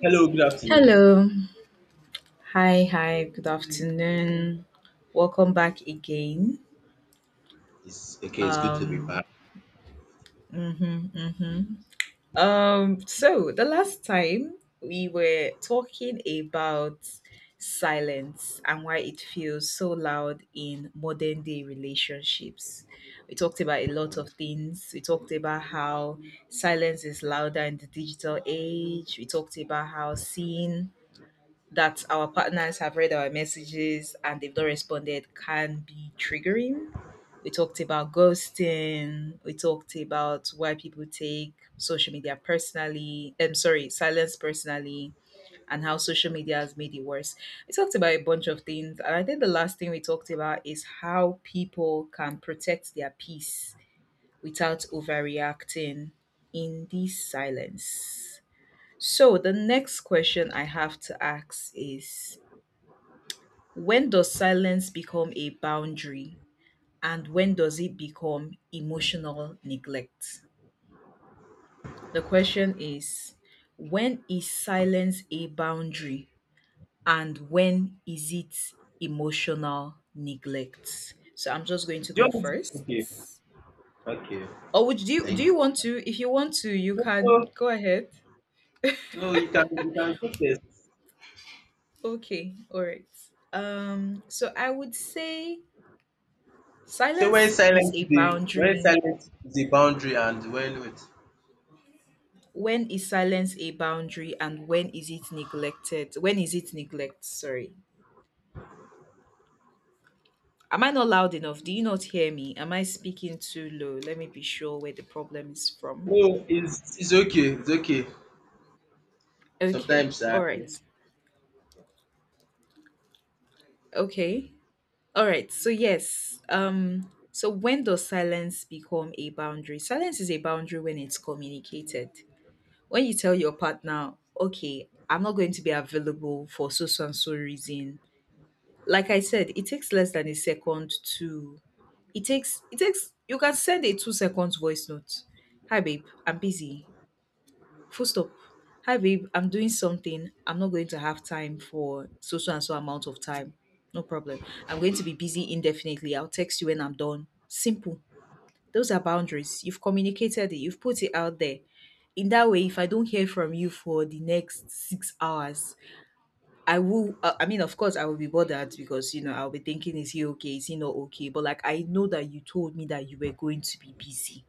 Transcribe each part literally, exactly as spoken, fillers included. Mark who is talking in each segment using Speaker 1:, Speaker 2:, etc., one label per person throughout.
Speaker 1: Hello, good afternoon.
Speaker 2: Hello. Hi, hi. Good afternoon. Welcome back again.
Speaker 1: It's okay. It's good to be
Speaker 2: Um,
Speaker 1: back.
Speaker 2: mhm, mhm. Um, so the last time we were talking about silence and why it feels so loud in modern day relationships. We talked about a lot of things. We talked about how silence is louder in the digital age. We talked about how seeing that our partners have read our messages and they've not responded can be triggering. We talked about ghosting. We talked about why people take social media personally. I'm sorry, silence personally, and how social media has made it worse. We talked about a bunch of things, and I think the last thing we talked about is how people can protect their peace without overreacting in this silence. So the next question I have to ask is, when does silence become a boundary and when does it become emotional neglect? The question is, when is silence a boundary and when is it emotional neglect? So I'm just going to
Speaker 1: Do
Speaker 2: go
Speaker 1: you
Speaker 2: first.
Speaker 1: want me to- Okay, okay.
Speaker 2: Or would do you do
Speaker 1: Thank
Speaker 2: you
Speaker 1: you.
Speaker 2: want to? If you want to, you
Speaker 1: No,
Speaker 2: can
Speaker 1: no,
Speaker 2: go ahead.
Speaker 1: no, you can you can go first.
Speaker 2: Okay, all right. Um, so I would say
Speaker 1: So when
Speaker 2: silence is
Speaker 1: silence
Speaker 2: a
Speaker 1: is a when
Speaker 2: boundary.
Speaker 1: silence is a boundary and when wait.
Speaker 2: When is silence a boundary, and when is it neglected? When is it neglect? Sorry. Am I not loud enough? Do you not hear me? Am I speaking too low? Let me be sure where the problem is from.
Speaker 1: No, it's It's okay. It's okay.
Speaker 2: Okay.
Speaker 1: Sometimes I
Speaker 2: All right. Okay. All right. So yes. Um so when does silence become a boundary? Silence is a boundary when it's communicated. When you tell your partner, "Okay, I'm not going to be available for so so and so reason." Like I said, it takes less than a second to— It takes it takes you can send a two seconds voice note. Hi babe, I'm busy. Full stop. Hi babe, I'm doing something. I'm not going to have time for so so and so amount of time. No problem. I'm going to be busy indefinitely. I'll text you when I'm done. Simple. Those are boundaries. You've communicated it, you've put it out there. In that way, if I don't hear from you for the next six hours, I will. Uh, I mean, of course, I will be bothered, because you know I'll be thinking, is he okay? Is he not okay? But like, I know that you told me that you were going to be busy.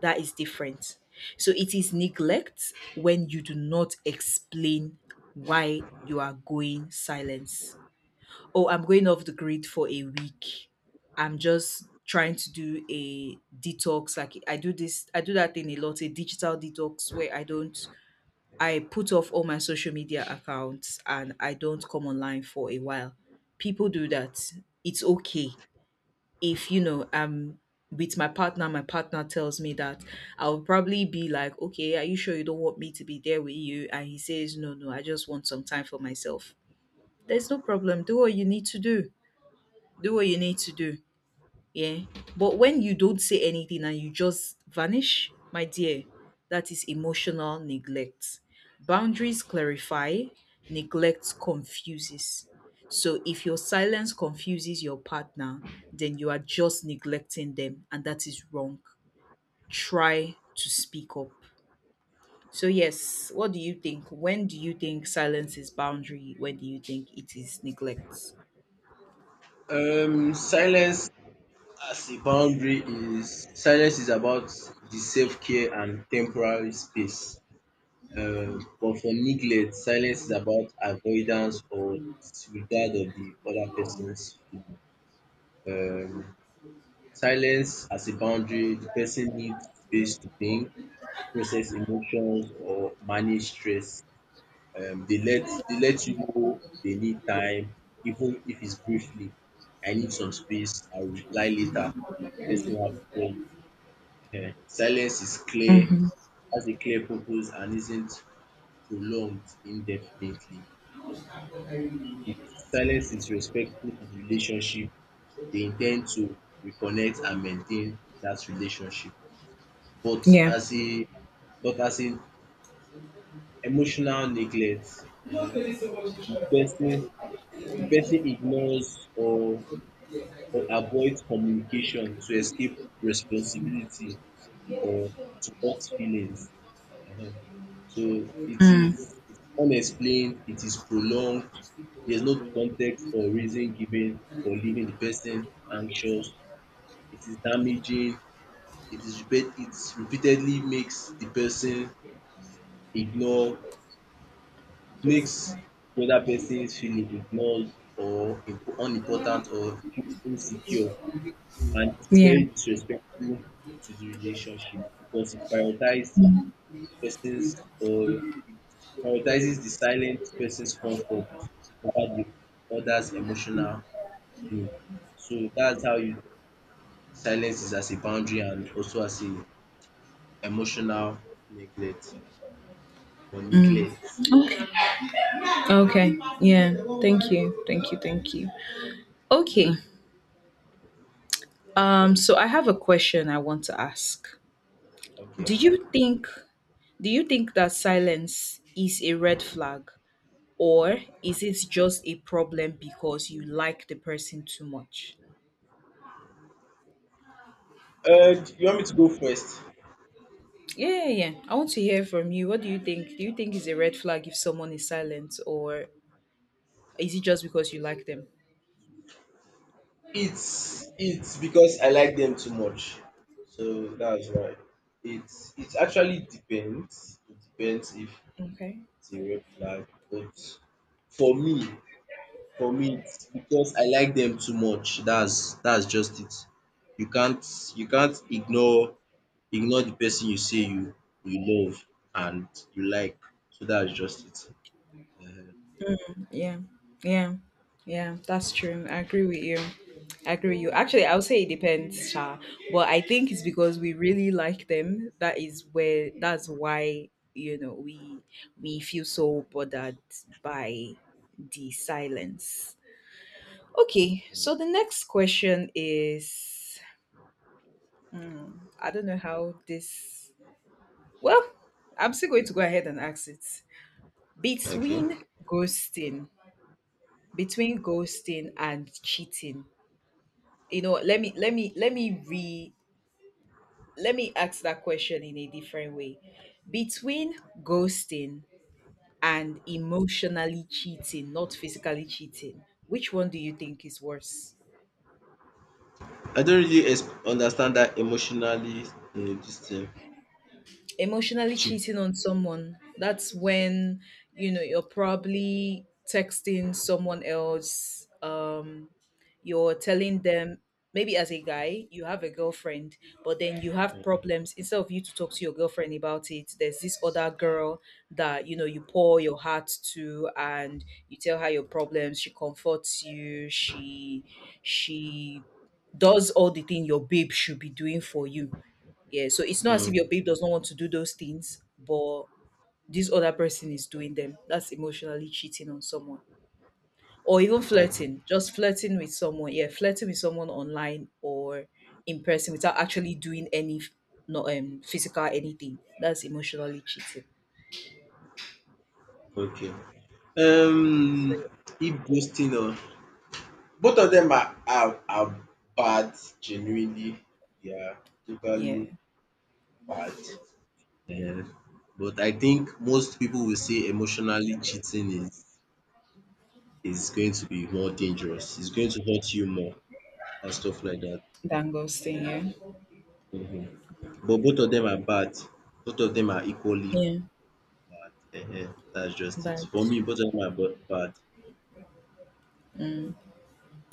Speaker 2: That is different. So it is neglect when you do not explain why you are going silence. Oh, I'm going off the grid for a week. I'm just trying to do a detox. Like I do this, I do that thing a lot, a digital detox where I don't— I put off all my social media accounts and I don't come online for a while. People do that. It's okay. If you know, um with my partner, my partner tells me that I'll probably be like, okay, are you sure you don't want me to be there with you? And he says, no, no, I just want some time for myself. There's no problem. Do what you need to do. Do what you need to do. Yeah. But when you don't say anything and you just vanish, my dear, that is emotional neglect. Boundaries clarify, neglect confuses. So if your silence confuses your partner, then you are just neglecting them, and that is wrong. Try to speak up. So, yes, what do you think? When do you think silence is boundary? When do you think it is neglect?
Speaker 1: um silence as a boundary is silence is about the self care and temporary space. Um, but for neglect, silence is about avoidance or disregard of the other person's feeling. Um, Silence as a boundary, the person needs space to think, process emotions, or manage stress. Um, they let they let you know they need time, even if it's briefly. I need some space. I'll reply later. Person will have phone. Ehen. Silence is clear,
Speaker 2: Mm-hmm.
Speaker 1: has a clear purpose, and isn't prolonged indefinitely. If silence is respectful to the relationship, dey in ten d to reconnect and maintain dat relationship. But
Speaker 2: Yeah.
Speaker 1: as a but as in emotional neglect, um if pesin if pesin ignores or or avoid communication to escape responsibility, or to hurt feelings. Ehen. So it is
Speaker 2: Mm.
Speaker 1: it's unexplained, it is prolonged, there's no context or reason given for leaving the person anxious, it is damaging, it is repeat it repeatedly makes the person ignore, it makes the other person feel ignored or imp- unimportant or feel insecure, and it is
Speaker 2: Yeah.
Speaker 1: very disrespectful to the relationship because it prioritizes. Persons or prioritizes the silent person's comfort over the other's emotional being. So that's how you Silence is as a boundary and also as a emotional neglect or neglect.
Speaker 2: Okay. Yeah. Thank you. Thank you. Thank you. Okay. Um so I have a question I want to ask.
Speaker 1: Okay.
Speaker 2: Do you think do you think that silence is a red flag, or is it just a problem because you like the person too much?
Speaker 1: Uh, do you want me to go first?
Speaker 2: Yeah, yeah, yeah. I want to hear from you. What do you think? Do you think it's a red flag if someone is silent, or is it just because you like them?
Speaker 1: It's it's because I like them too much. So that's why. It's it actually depends. It depends if
Speaker 2: Okay.
Speaker 1: it's a red flag, but for me, For me, it's because I like them too much. That's that's just it. You can't you can't ignore ignore the person you say you you love and you like. So that's just it. Ehen.
Speaker 2: Yeah, yeah, yeah, that's true. I agree with you. I agree with you. Actually, I would say it depends, Sha. But I think it's because we really like them. That is where. That's why you know we we feel so bothered by the silence. Okay, so the next question is, I don't know how this. Well, I'm still going to go ahead and ask it.
Speaker 1: Okay.
Speaker 2: Between ghosting, between ghosting and cheating, you know let me let me let me re let me ask that question in a different way. Between ghosting and emotionally cheating, not physically cheating, which one do you think is worse?
Speaker 1: I don't really ex- understand that emotionally uh, this thing.
Speaker 2: Emotionally
Speaker 1: Cheap.
Speaker 2: cheating on someone, that's when you know you're probably texting someone else, um you're telling them. Maybe as a guy you have a girlfriend, but then you have problems. Instead of you to talk to your girlfriend about it, there's this other girl that you know you pour your heart to, and you tell her your problems. She comforts you, she she does all the thing your babe should be doing for you. Yeah, so it's not as if
Speaker 1: Mm.
Speaker 2: your babe does not want to do those things, but this other person is doing them. That's emotionally cheating on someone. Or even
Speaker 1: Okay.
Speaker 2: flirting, just flirting with someone. Yeah, flirting with someone online or in person without actually doing any f- no, um physical anything. That's emotionally cheating.
Speaker 1: Okay.
Speaker 2: So
Speaker 1: Um, if ghosting or both of them are are, are bad. Genuinely, they are
Speaker 2: yeah. Yeah.
Speaker 1: totally bad. Yeah. But I think most people will say emotionally cheating is is going to be more dangerous. It's going to hurt you more and stuff like that.
Speaker 2: Dangle's thing,
Speaker 1: Ehen.
Speaker 2: yeah.
Speaker 1: Mhm. But both of them are bad. Both of them are equally
Speaker 2: Yeah,
Speaker 1: bad. Ehen. That's just it.
Speaker 2: but
Speaker 1: For me, both of them are bo- bad.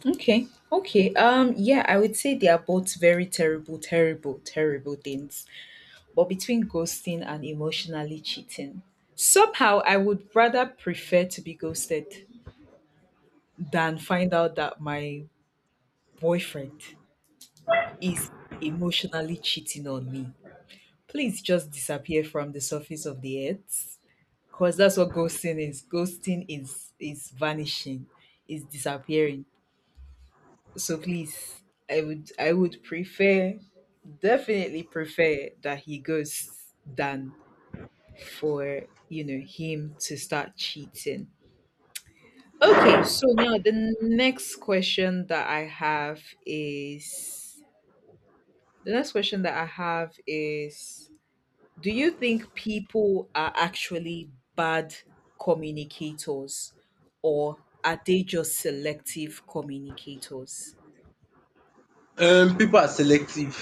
Speaker 2: okay, okay. Um, yeah, I would say they are both very terrible, terrible, terrible things. But between ghosting and emotionally cheating, somehow, I would rather prefer to be ghosted than find out that my boyfriend is emotionally cheating on me. Please just disappear from the surface of the earth, because that's what ghosting is. Ghosting is is vanishing, is disappearing. So please, I would I would prefer definitely prefer that he goes than for you know him to start cheating. Okay, so now, the next question that I have is, the next question that I have is do you think people are actually bad communicators, or are they just selective communicators?
Speaker 1: Um, people are selective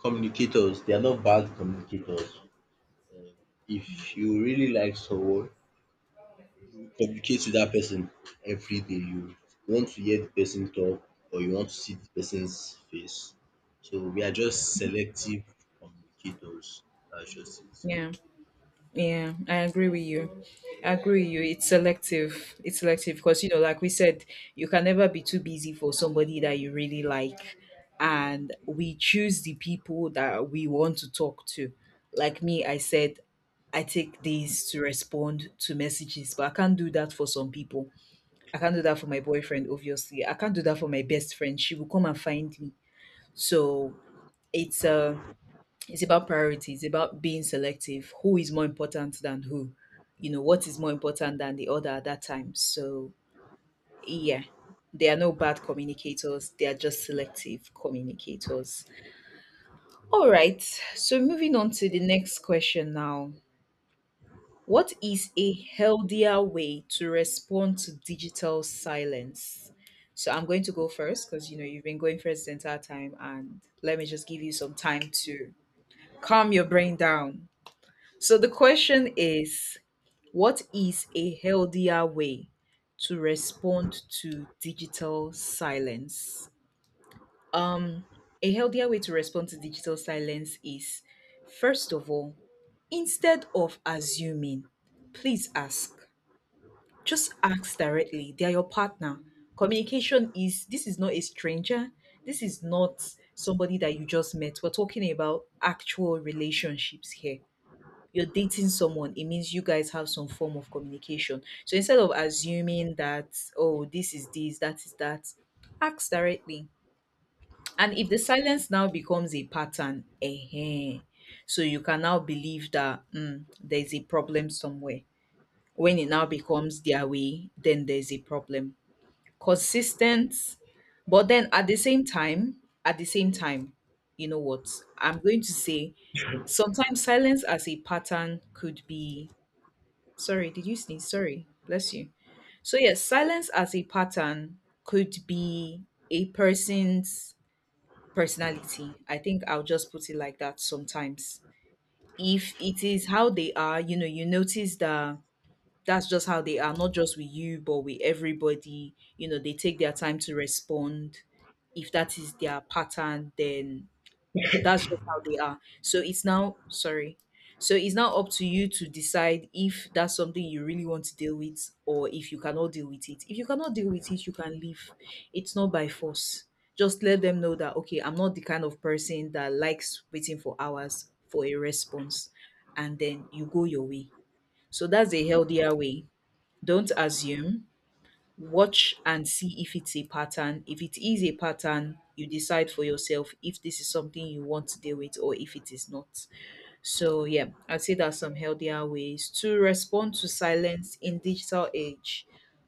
Speaker 1: communicators. They are not bad communicators. If you really like someone, Communicate with that person every day. You want to hear the person talk or you want to see the person's face. So we are just selective communicators. That's just it.
Speaker 2: Yeah, yeah, I agree with you. I agree with you. It's selective. It's selective, because you know, like we said, you can never be too busy for somebody that you really like. And we choose the people that we want to talk to. Like me, I said I take days to respond to messages, but I can't do that for some people. I can't do that for my boyfriend, obviously. I can't do that for my best friend. She will come and find me. So it's a it's about priority. It's about being selective. Who is more important than who? You know, what is more important than the other at that time? So, yeah, they are no bad communicators. They are just selective communicators. All right. So, moving on to the next question now. What is a healthier way to respond to digital silence? So, I'm going to go first because, you know, you've been going first the entire time. And let me just give you some time to calm your brain down. So the question is, what is a healthier way to respond to digital silence? Um a healthier way to respond to digital silence is, first of all, instead of assuming, please ask. Just ask directly. They are your partner. Communication is this is not a stranger. This is not somebody that you just met. We're talking about actual relationships here. You're dating someone, it means you guys have some form of communication. So instead of assuming that, oh, this is this, that is that, ask directly. And if the silence now becomes a pattern, eh, so you can now believe that mm, there's a problem somewhere. When it now becomes their way, then there's a problem. Consistent, but then at the same time, at the same time, you know what? I'm going to say sometimes silence as a pattern could be— sorry, did you sneeze? Sorry, bless you. So, yes, silence as a pattern could be a person's personality. I think I'll just put it like that sometimes. If it is how they are, you know, you notice that that's just how they are, not just with you, but with everybody. You know, they take their time to respond. If that is their pattern, then that's just how they are, so it's now— sorry, so it's now up to you to decide if that's something you really want to deal with, or if you cannot deal with it. If you cannot deal with it, you can leave. It's not by force. Just let them know that, okay, I'm not the kind of person that likes waiting for hours for a response. And then you go your way. So that's a healthier way. Don't assume. Watch and see if it's a pattern. If it is a pattern, you decide for yourself if this is something you want to deal with or if it is not. So, yeah, I'd say there are some healthier ways to respond to silence in digital age.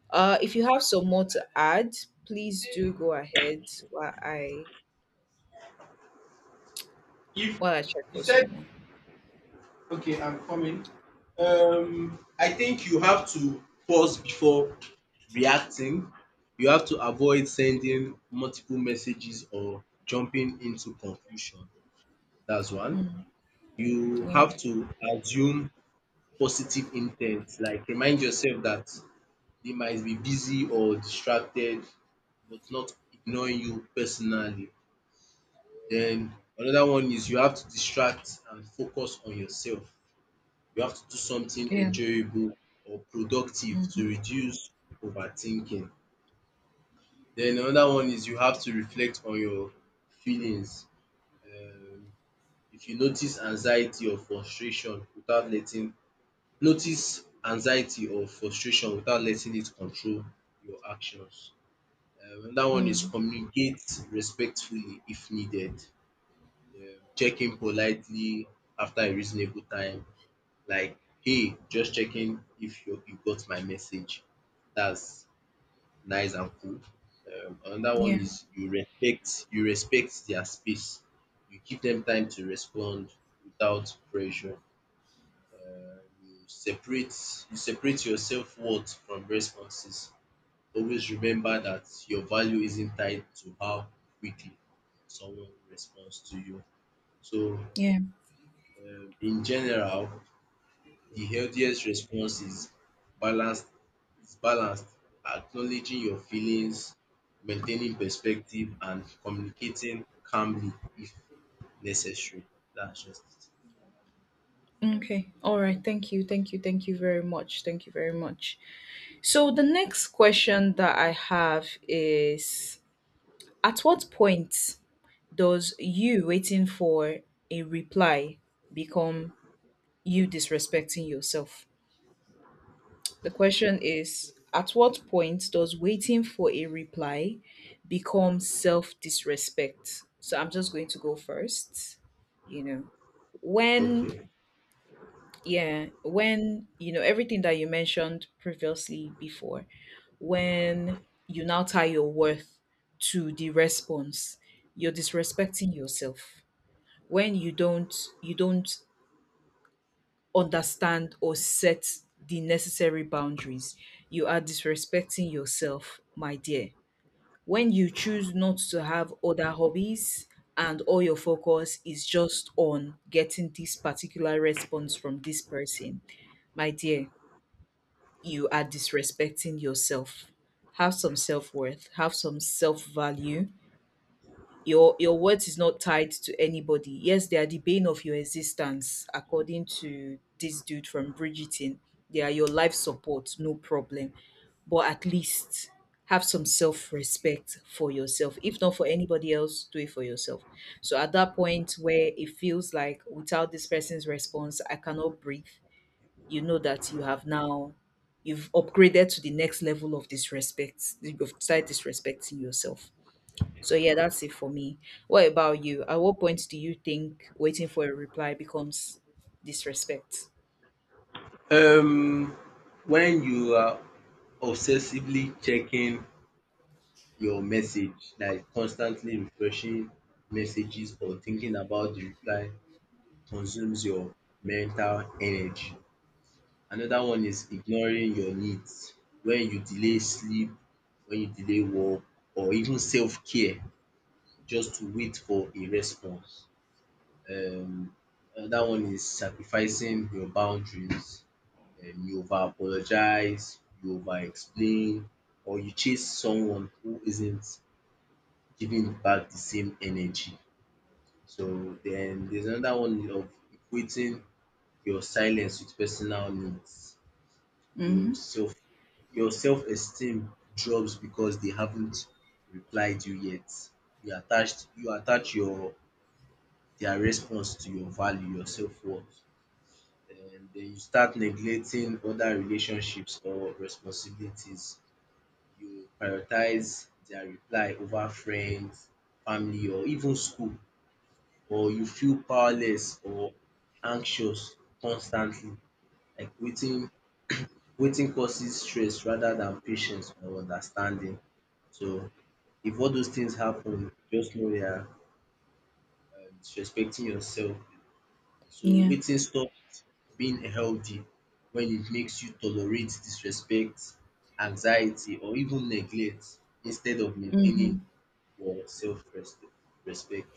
Speaker 2: Uh, if you have some more to add, please do go ahead while I
Speaker 1: If
Speaker 2: while I check
Speaker 1: you
Speaker 2: for
Speaker 1: said,
Speaker 2: someone.
Speaker 1: okay, I'm coming, um, I think you have to pause before reacting. You have to avoid sending multiple messages or jumping into conclusion. That's one. You
Speaker 2: Yeah,
Speaker 1: have to assume positive intent. Like remind yourself that they might be busy or distracted, but not ignoring you personally. Then another one is you have to distract and focus on yourself. You have to do something
Speaker 2: yeah,
Speaker 1: enjoyable or productive to
Speaker 2: mm-hmm.
Speaker 1: reduce overthinking. Then another one is you have to reflect on your feelings. Um, if you notice anxiety or frustration without letting Notice anxiety or frustration without letting it control your actions. Um another one is
Speaker 2: Mm,
Speaker 1: communicate respectfully if needed. um Check in politely after a reasonable time, like, "Hey, just checking if you you got my message." That's nice and cool. Um another
Speaker 2: yeah,
Speaker 1: one is you respect you respect their space. You give them time to respond without pressure. um you separate you separate your self-worth from responses. Always remember that your value isn't tied to how quickly someone responds to you. So,
Speaker 2: yeah.
Speaker 1: um in general, the healthiest response is balanced is balanced, acknowledging your feelings, maintaining perspective, and communicating calmly if necessary. That's just
Speaker 2: Okay. All right. Thank you. Thank you. Thank you very much. Thank you very much. So the next question that I have is, at what point does you waiting for a reply become you disrespecting yourself? The question is, at what point does waiting for a reply become self-disrespect? So I'm just going to go first. You know,
Speaker 1: it.
Speaker 2: when
Speaker 1: Okay.
Speaker 2: yeah, when you know everything that you mentioned previously, before when you now tie your worth to the response, you're disrespecting yourself. When you don't you don't understand or set the necessary boundaries, you are disrespecting yourself, my dear. When you choose not to have other hobbies and all your focus is just on getting this particular response from this person, my dear, you are disrespecting yourself. Have some self worth, have some self value. Your your worth is not tied to anybody. Yes, they are the bane of your existence, according to this dude from Bridgerton. They are your life support, no problem. But at least have some self respect for yourself. If not for anybody else, do it for yourself. So at that point where it feels like without this person's response, I cannot breathe, you know that you have now you've upgraded to the next level of disrespect. You've started disrespecting yourself. So yeah, that's it for me. What about you? At what point do you think waiting for a reply becomes disrespect?
Speaker 1: Um when you are obsessively checking your message, like constantly refreshing messages or thinking about the reply, consumes your mental energy. Another one is ignoring your needs. When you delay sleep, when you delay work or even self-care just to wait for a response. Um another one is sacrificing your boundaries. um you over apologize, you over explain, or you chase someone who isn't giving back the same energy. So then there's another one of equating your silence with personal needs. Your
Speaker 2: Mm-hmm.
Speaker 1: self your self-esteem drops because they haven't replied you yet. You attached you attach your their response to your value, your self-worth. And then you start neglecting other relationships or responsibilities. You prioritize their reply over friends, family, or even school, or you feel powerless or anxious constantly, like waiting waiting causes stress rather than patience or understanding. So if all those things happen, just know you are um disrespecting yourself. So
Speaker 2: Yeah.
Speaker 1: waiting stops being healthy when it makes you tolerate disrespect, anxiety, or even neglect instead of maintaining
Speaker 2: Mm-hmm.
Speaker 1: your self respect.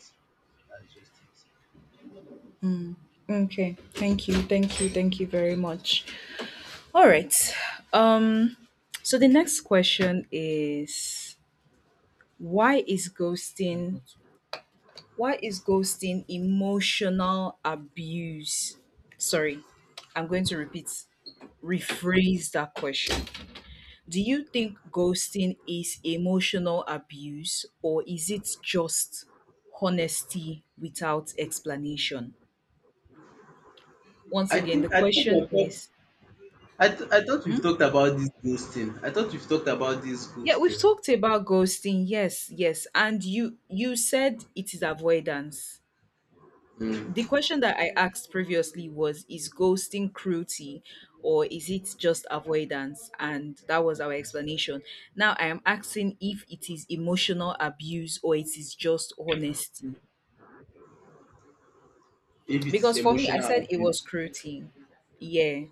Speaker 1: That's just it.
Speaker 2: Okay. Thank you. Thank you. Thank you very much. All right. Um. So the next question is, why is ghosting why is ghosting emotional abuse? Sorry, I'm going to repeat, rephrase that question. Do you think ghosting is emotional abuse or is it just honesty without explanation? Once
Speaker 1: I
Speaker 2: again, the
Speaker 1: think I think
Speaker 2: question
Speaker 1: we've talked-
Speaker 2: is,
Speaker 1: I, th- I thought we've
Speaker 2: hmm?
Speaker 1: talked about this ghosting. I thought we've talked about this
Speaker 2: Yeah, we've
Speaker 1: ghosting.
Speaker 2: talked about ghosting. Yes, yes. And you you said it is avoidance. The
Speaker 1: Mm.
Speaker 2: question that I asked previously was, is ghosting cruelty or is it just avoidance? And that was our explanation. Now I am asking if it is emotional abuse or it is just honesty.
Speaker 1: If it is
Speaker 2: Because for me, I
Speaker 1: emotional
Speaker 2: said it
Speaker 1: abuse
Speaker 2: was cruelty. Yeah.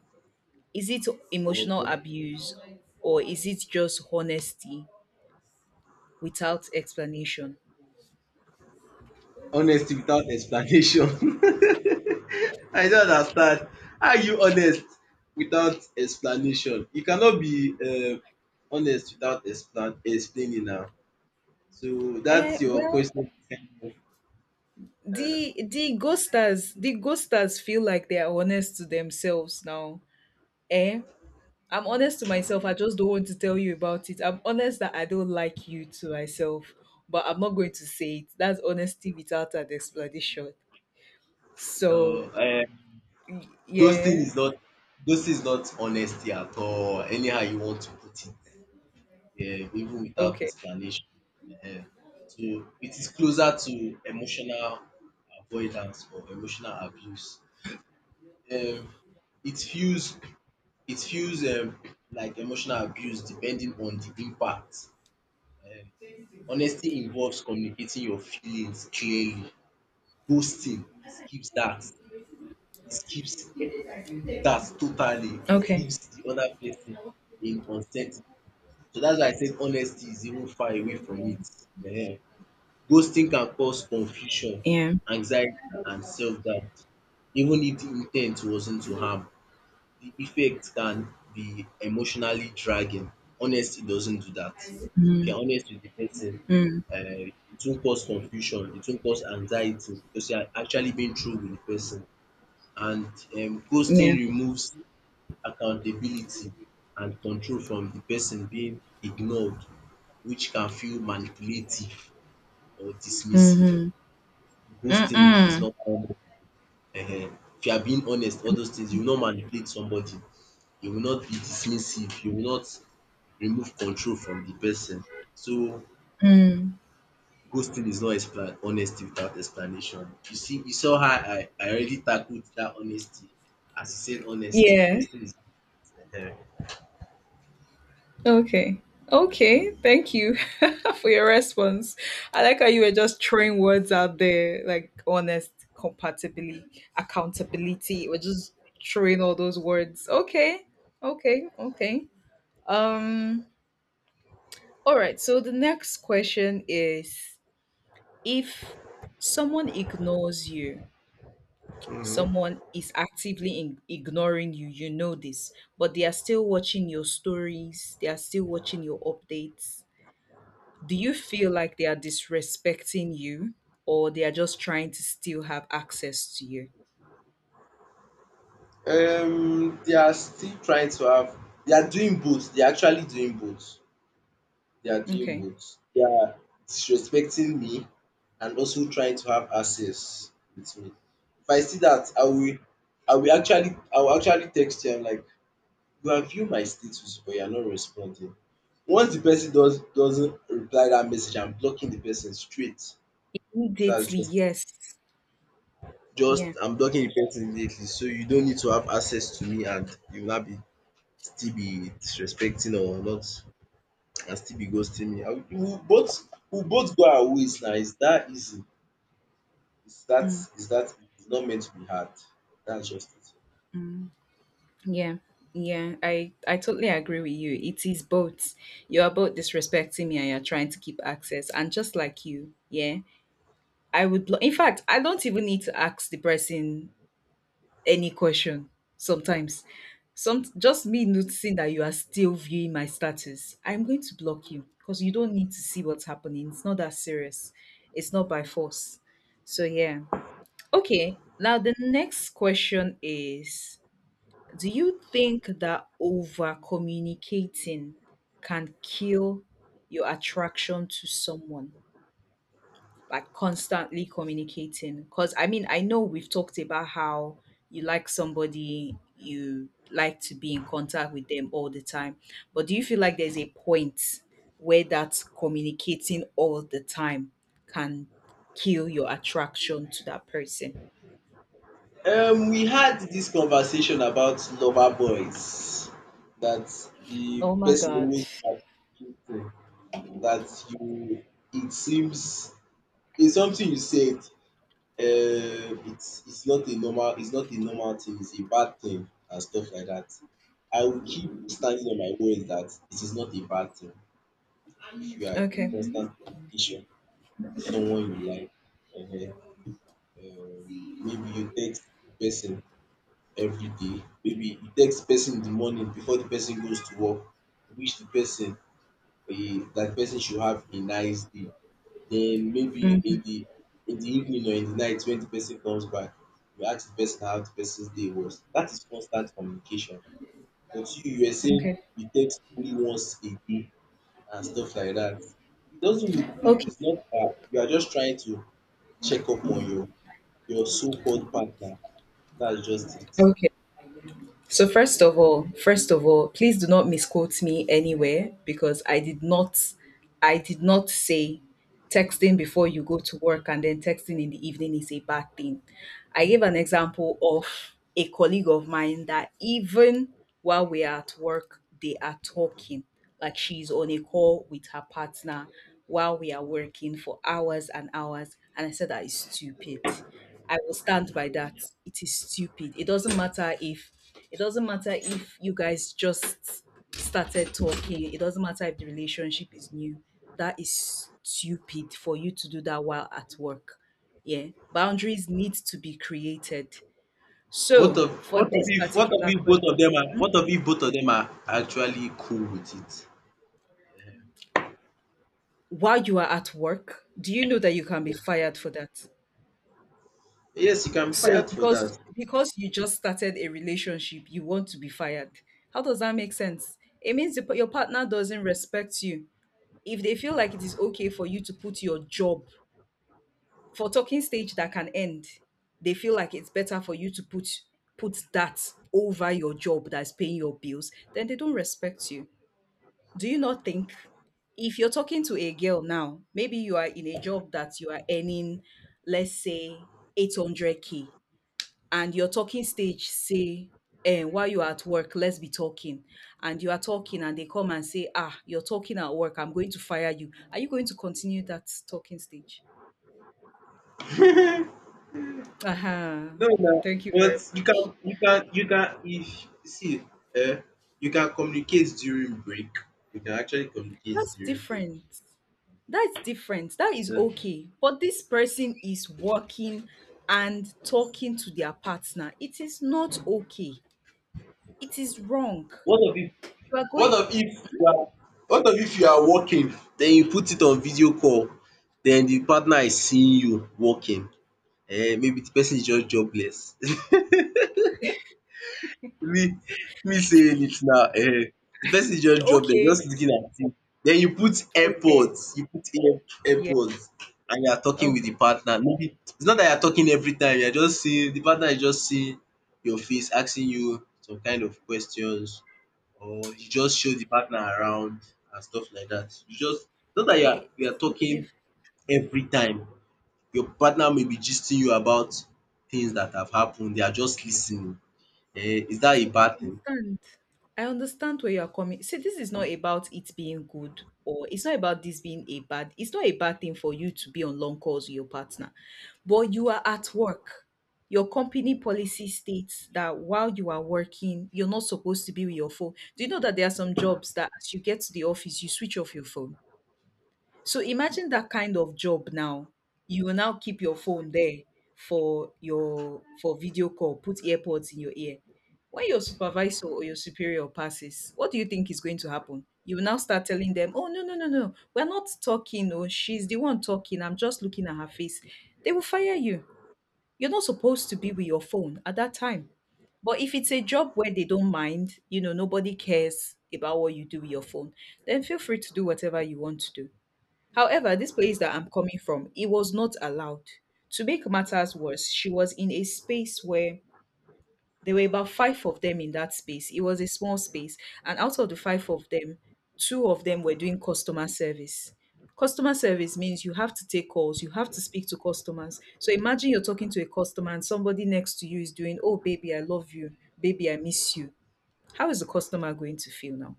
Speaker 2: Is it emotional
Speaker 1: or
Speaker 2: abuse or is it just honesty without explanation?
Speaker 1: honesty without explanation. I don't understand. How are you honest without explanation? You cannot be uh, honest without explan- explaining now. So that's
Speaker 2: Eh,
Speaker 1: your
Speaker 2: well,
Speaker 1: question. Uh,
Speaker 2: the the ghosters, the ghosters feel like they are honest to themselves now. Eh? I'm honest to myself. I just don't want to tell you about it. I'm honest that I don't like you to myself, but I'm not going to say it. That's honesty without an explanation.
Speaker 1: no,
Speaker 2: So, y-
Speaker 1: Ghosting
Speaker 2: yeah.
Speaker 1: is not ghosting is not honesty at all. Anyhow you want to put it, yeah, even without
Speaker 2: Okay.
Speaker 1: explanation. Ehen. So it is closer to emotional avoidance or emotional abuse. Um it feels it feels um like emotional abuse depending on the impact. Honesty involves communicating your feelings clearly. Ghosting skips that. It skips That's totally It
Speaker 2: Okay.
Speaker 1: leaves the other person in uncertainty. So that's why I said honesty is even far away from it. Ehen. Ghosting can cause confusion,
Speaker 2: Yeah.
Speaker 1: anxiety, and self-doubt. Even if the intent wasn't to harm, the effect can be emotionally dragging. Honesty doesn't do that. If you're honest with the person,
Speaker 2: Mm.
Speaker 1: uh, it won't cause confusion, it won't cause anxiety because you are actually being true with the person. And um, ghosting
Speaker 2: Yeah.
Speaker 1: removes accountability and control from the person being ignored, which can feel manipulative or dismissive.
Speaker 2: Mm-hmm.
Speaker 1: Ghosting is
Speaker 2: Mm-mm.
Speaker 1: not common. Ehen. If you are being honest, all those things, you will not manipulate somebody, you will not be dismissive, you will not remove control from the person. So
Speaker 2: Mm.
Speaker 1: ghosting is not expla honesty without explanation. You see you saw how I I already tackled that honesty as you said honesty.
Speaker 2: Yeah.
Speaker 1: Ghosting is. Ehen.
Speaker 2: Okay. Okay. Thank you for your response. I like how you were just throwing words out there, like honest, compatibility, accountability. We're just throwing all those words. Okay. Okay. Okay. Um, all right. So the next question is, if someone ignores you, someone is actively in- ignoring you, you know this, but they are still watching your stories, they are still watching your updates, do you feel like they are disrespecting you or they are just trying to still have access to you?
Speaker 1: Um, they are still trying to have they are doing both. They are actually doing both. They are doing
Speaker 2: Okay.
Speaker 1: both. They are disrespecting me and also trying to have access with me. If I see that, I will I will actually I will actually text you. I'm like, you have viewed my status, but you are not responding. Once the person does doesn't reply that message, I'm blocking the person straight. That's
Speaker 2: Immediately,
Speaker 1: just
Speaker 2: yes.
Speaker 1: just
Speaker 2: Yeah.
Speaker 1: I'm blocking the person immediately. So you don't need to have access to me, and you will not be still be disrespecting or not and still be ghosting me. I will we'll both we'll both go our ways now. It's that easy. It's that
Speaker 2: Mm,
Speaker 1: it's that it's not meant to be hard. That's just it.
Speaker 2: mm, yeah. Yeah, I, I totally agree with you. It is both. You are both disrespecting me and you're trying to keep access. And just like you, yeah, I would, lo- in fact, I don't even need to ask the person any question sometimes. Some just me noticing that you are still viewing my status, I'm going to block you because you don't need to see what's happening. It's not that serious. It's not by force. So yeah. Okay. Now the next question is, do you think that over communicating can kill your attraction to someone? Like constantly communicating, because I mean, I know we've talked about how you like somebody, you like to be in contact with them all the time, but do you feel like there's a point where that communicating all the time can kill your attraction to that person?
Speaker 1: Um we had this conversation about lover boys. That the
Speaker 2: Oh my
Speaker 1: person
Speaker 2: God.
Speaker 1: always attributing, that you, it seems, it's something you said. um it's it's not a normal it's not a normal thing, it's a bad thing and stuff like that. I will keep standing on my word that it is not a bad thing if you are in
Speaker 2: Okay.
Speaker 1: constant communication with someone you like. um um Maybe you text the person everyday, maybe you text the person in the morning before the person goes to work, you wish the person he that person should have a nice day. Then maybe in
Speaker 2: Mm,
Speaker 1: the in the evening or in the night, when the person comes back, you ask the person how the person's day was. That is constant communication. But you you were saying
Speaker 2: okay.
Speaker 1: you text only once a day and stuff like that. It doesn't look it-
Speaker 2: Okay.
Speaker 1: It's not bad. You are just trying to check up on your your so-called partner. That's just it.
Speaker 2: Okay. So first of all, first of all, please do not misquote me anywhere because I did not I did not say texting before you go to work and then texting in the evening is a bad thing. I gave an example of a colleague of mine that even while we are at work, they are talking. Like she's on a call with her partner while we are working for hours and hours. And I said that is stupid. I will stand by that. It is stupid. It doesn't matter if it doesn't matter if you guys just started talking. It doesn't matter if the relationship is new. That is stupid for you to do that while at work. Yeah. Boundaries need to be created.
Speaker 1: What
Speaker 2: So
Speaker 1: of
Speaker 2: for
Speaker 1: what of
Speaker 2: this
Speaker 1: if what of
Speaker 2: particular
Speaker 1: if both
Speaker 2: question,
Speaker 1: of them are
Speaker 2: hmm,
Speaker 1: what of if both of them are actually cool with it?
Speaker 2: while you are at work, do you know that you can be fired for that?
Speaker 1: Yes, you can be
Speaker 2: So
Speaker 1: fired for
Speaker 2: because
Speaker 1: that.
Speaker 2: because you just started a relationship, you want to be fired. How does that make sense? It means the, your partner doesn't respect you. If they feel like it is okay for you to put your job for talking stage that can end, they feel like it's better for you to put put that over your job that's paying your bills, then they don't respect you. Do you not think if you're talking to a girl now, maybe you are in a job that you are earning, let's say eight hundred k, and your talking stage say, eh, while you're at work let's be talking, and you are talking and they come and say, ah, you're talking at work, I'm going to fire you, are you going to continue that talking stage? Uh-huh.
Speaker 1: No, no,
Speaker 2: Thank you
Speaker 1: but
Speaker 2: very
Speaker 1: you
Speaker 2: much.
Speaker 1: can, you can, you can. If see, eh, you can communicate during break. You can actually communicate
Speaker 2: That's
Speaker 1: during break.
Speaker 2: different. That's different, that is
Speaker 1: Yeah.
Speaker 2: okay, but this person is working and talking to their partner, it is not okay, it is wrong.
Speaker 1: What of if,
Speaker 2: You are
Speaker 1: what
Speaker 2: going,
Speaker 1: of if you are, what of if you are working, then you put it on video call, then the partner is seeing you working. Eh, maybe the person is just jobless. Me me saying it now. Eh, the person just drop dead
Speaker 2: okay,
Speaker 1: just looking at you. Then you put
Speaker 2: okay,
Speaker 1: airpods you put ear
Speaker 2: yeah,
Speaker 1: airpods and you are talking with
Speaker 2: okay,
Speaker 1: the partner. Maybe it's not that you are talking every time, you are just seeing the partner, is just seeing your face asking you some kind of questions, or you just show the partner around and stuff like that. You just It's not that you are
Speaker 2: okay,
Speaker 1: you are talking
Speaker 2: if.
Speaker 1: every time, your partner may be gisting you about things that have happened, they are just listening. Eh, is that a
Speaker 2: So I
Speaker 1: bad thing?
Speaker 2: understand. I understand where you are coming. See, this is not about it being good or it's not about this being a bad. It's not a bad thing for you to be on long calls with your partner, but you are at work. Your company policy states that while you are working, you're not supposed to be with your phone. Do you know that there are some jobs that as you get to the office, you switch off your phone? So imagine that kind of job now. You will now keep your phone there for your for video call, put earpods in your ear. When your supervisor or your superior passes, what do you think is going to happen? You will now start telling them, "Oh no, no, no, no. We're not talking. Oh, she's the one talking. I'm just looking at her face." They will fire you. You're not supposed to be with your phone at that time. But if it's a job where they don't mind, you know, nobody cares about what you do with your phone, then feel free to do whatever you want to do. However, this place that I'm coming from, it was not allowed. To make matters worse, she was in a space where there were about five of them in that space. It was a small space. And out of the five of them, two of them were doing customer service. Customer service means you have to take calls, you have to speak to customers. So imagine you're talking to a customer and somebody next to you is doing, "Oh, baby, I love you. Baby, I miss you." How is the customer going to feel now?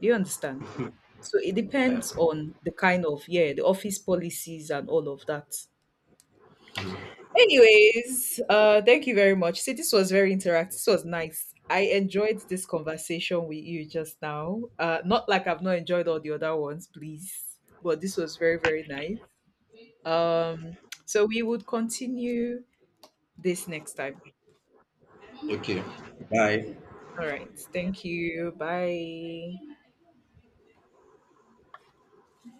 Speaker 2: Do you understand? So it depends
Speaker 1: Yeah.
Speaker 2: on the kind of, yeah, the office policies and all of that. Anyways, uh, thank you very much. See, this was very interactive. This was nice. I enjoyed this conversation with you just now. Uh, not like I've not enjoyed all the other ones, please, but this was very, very nice. Um, so we would continue this next time.
Speaker 1: Okay. Bye.
Speaker 2: All right. Thank you. Bye.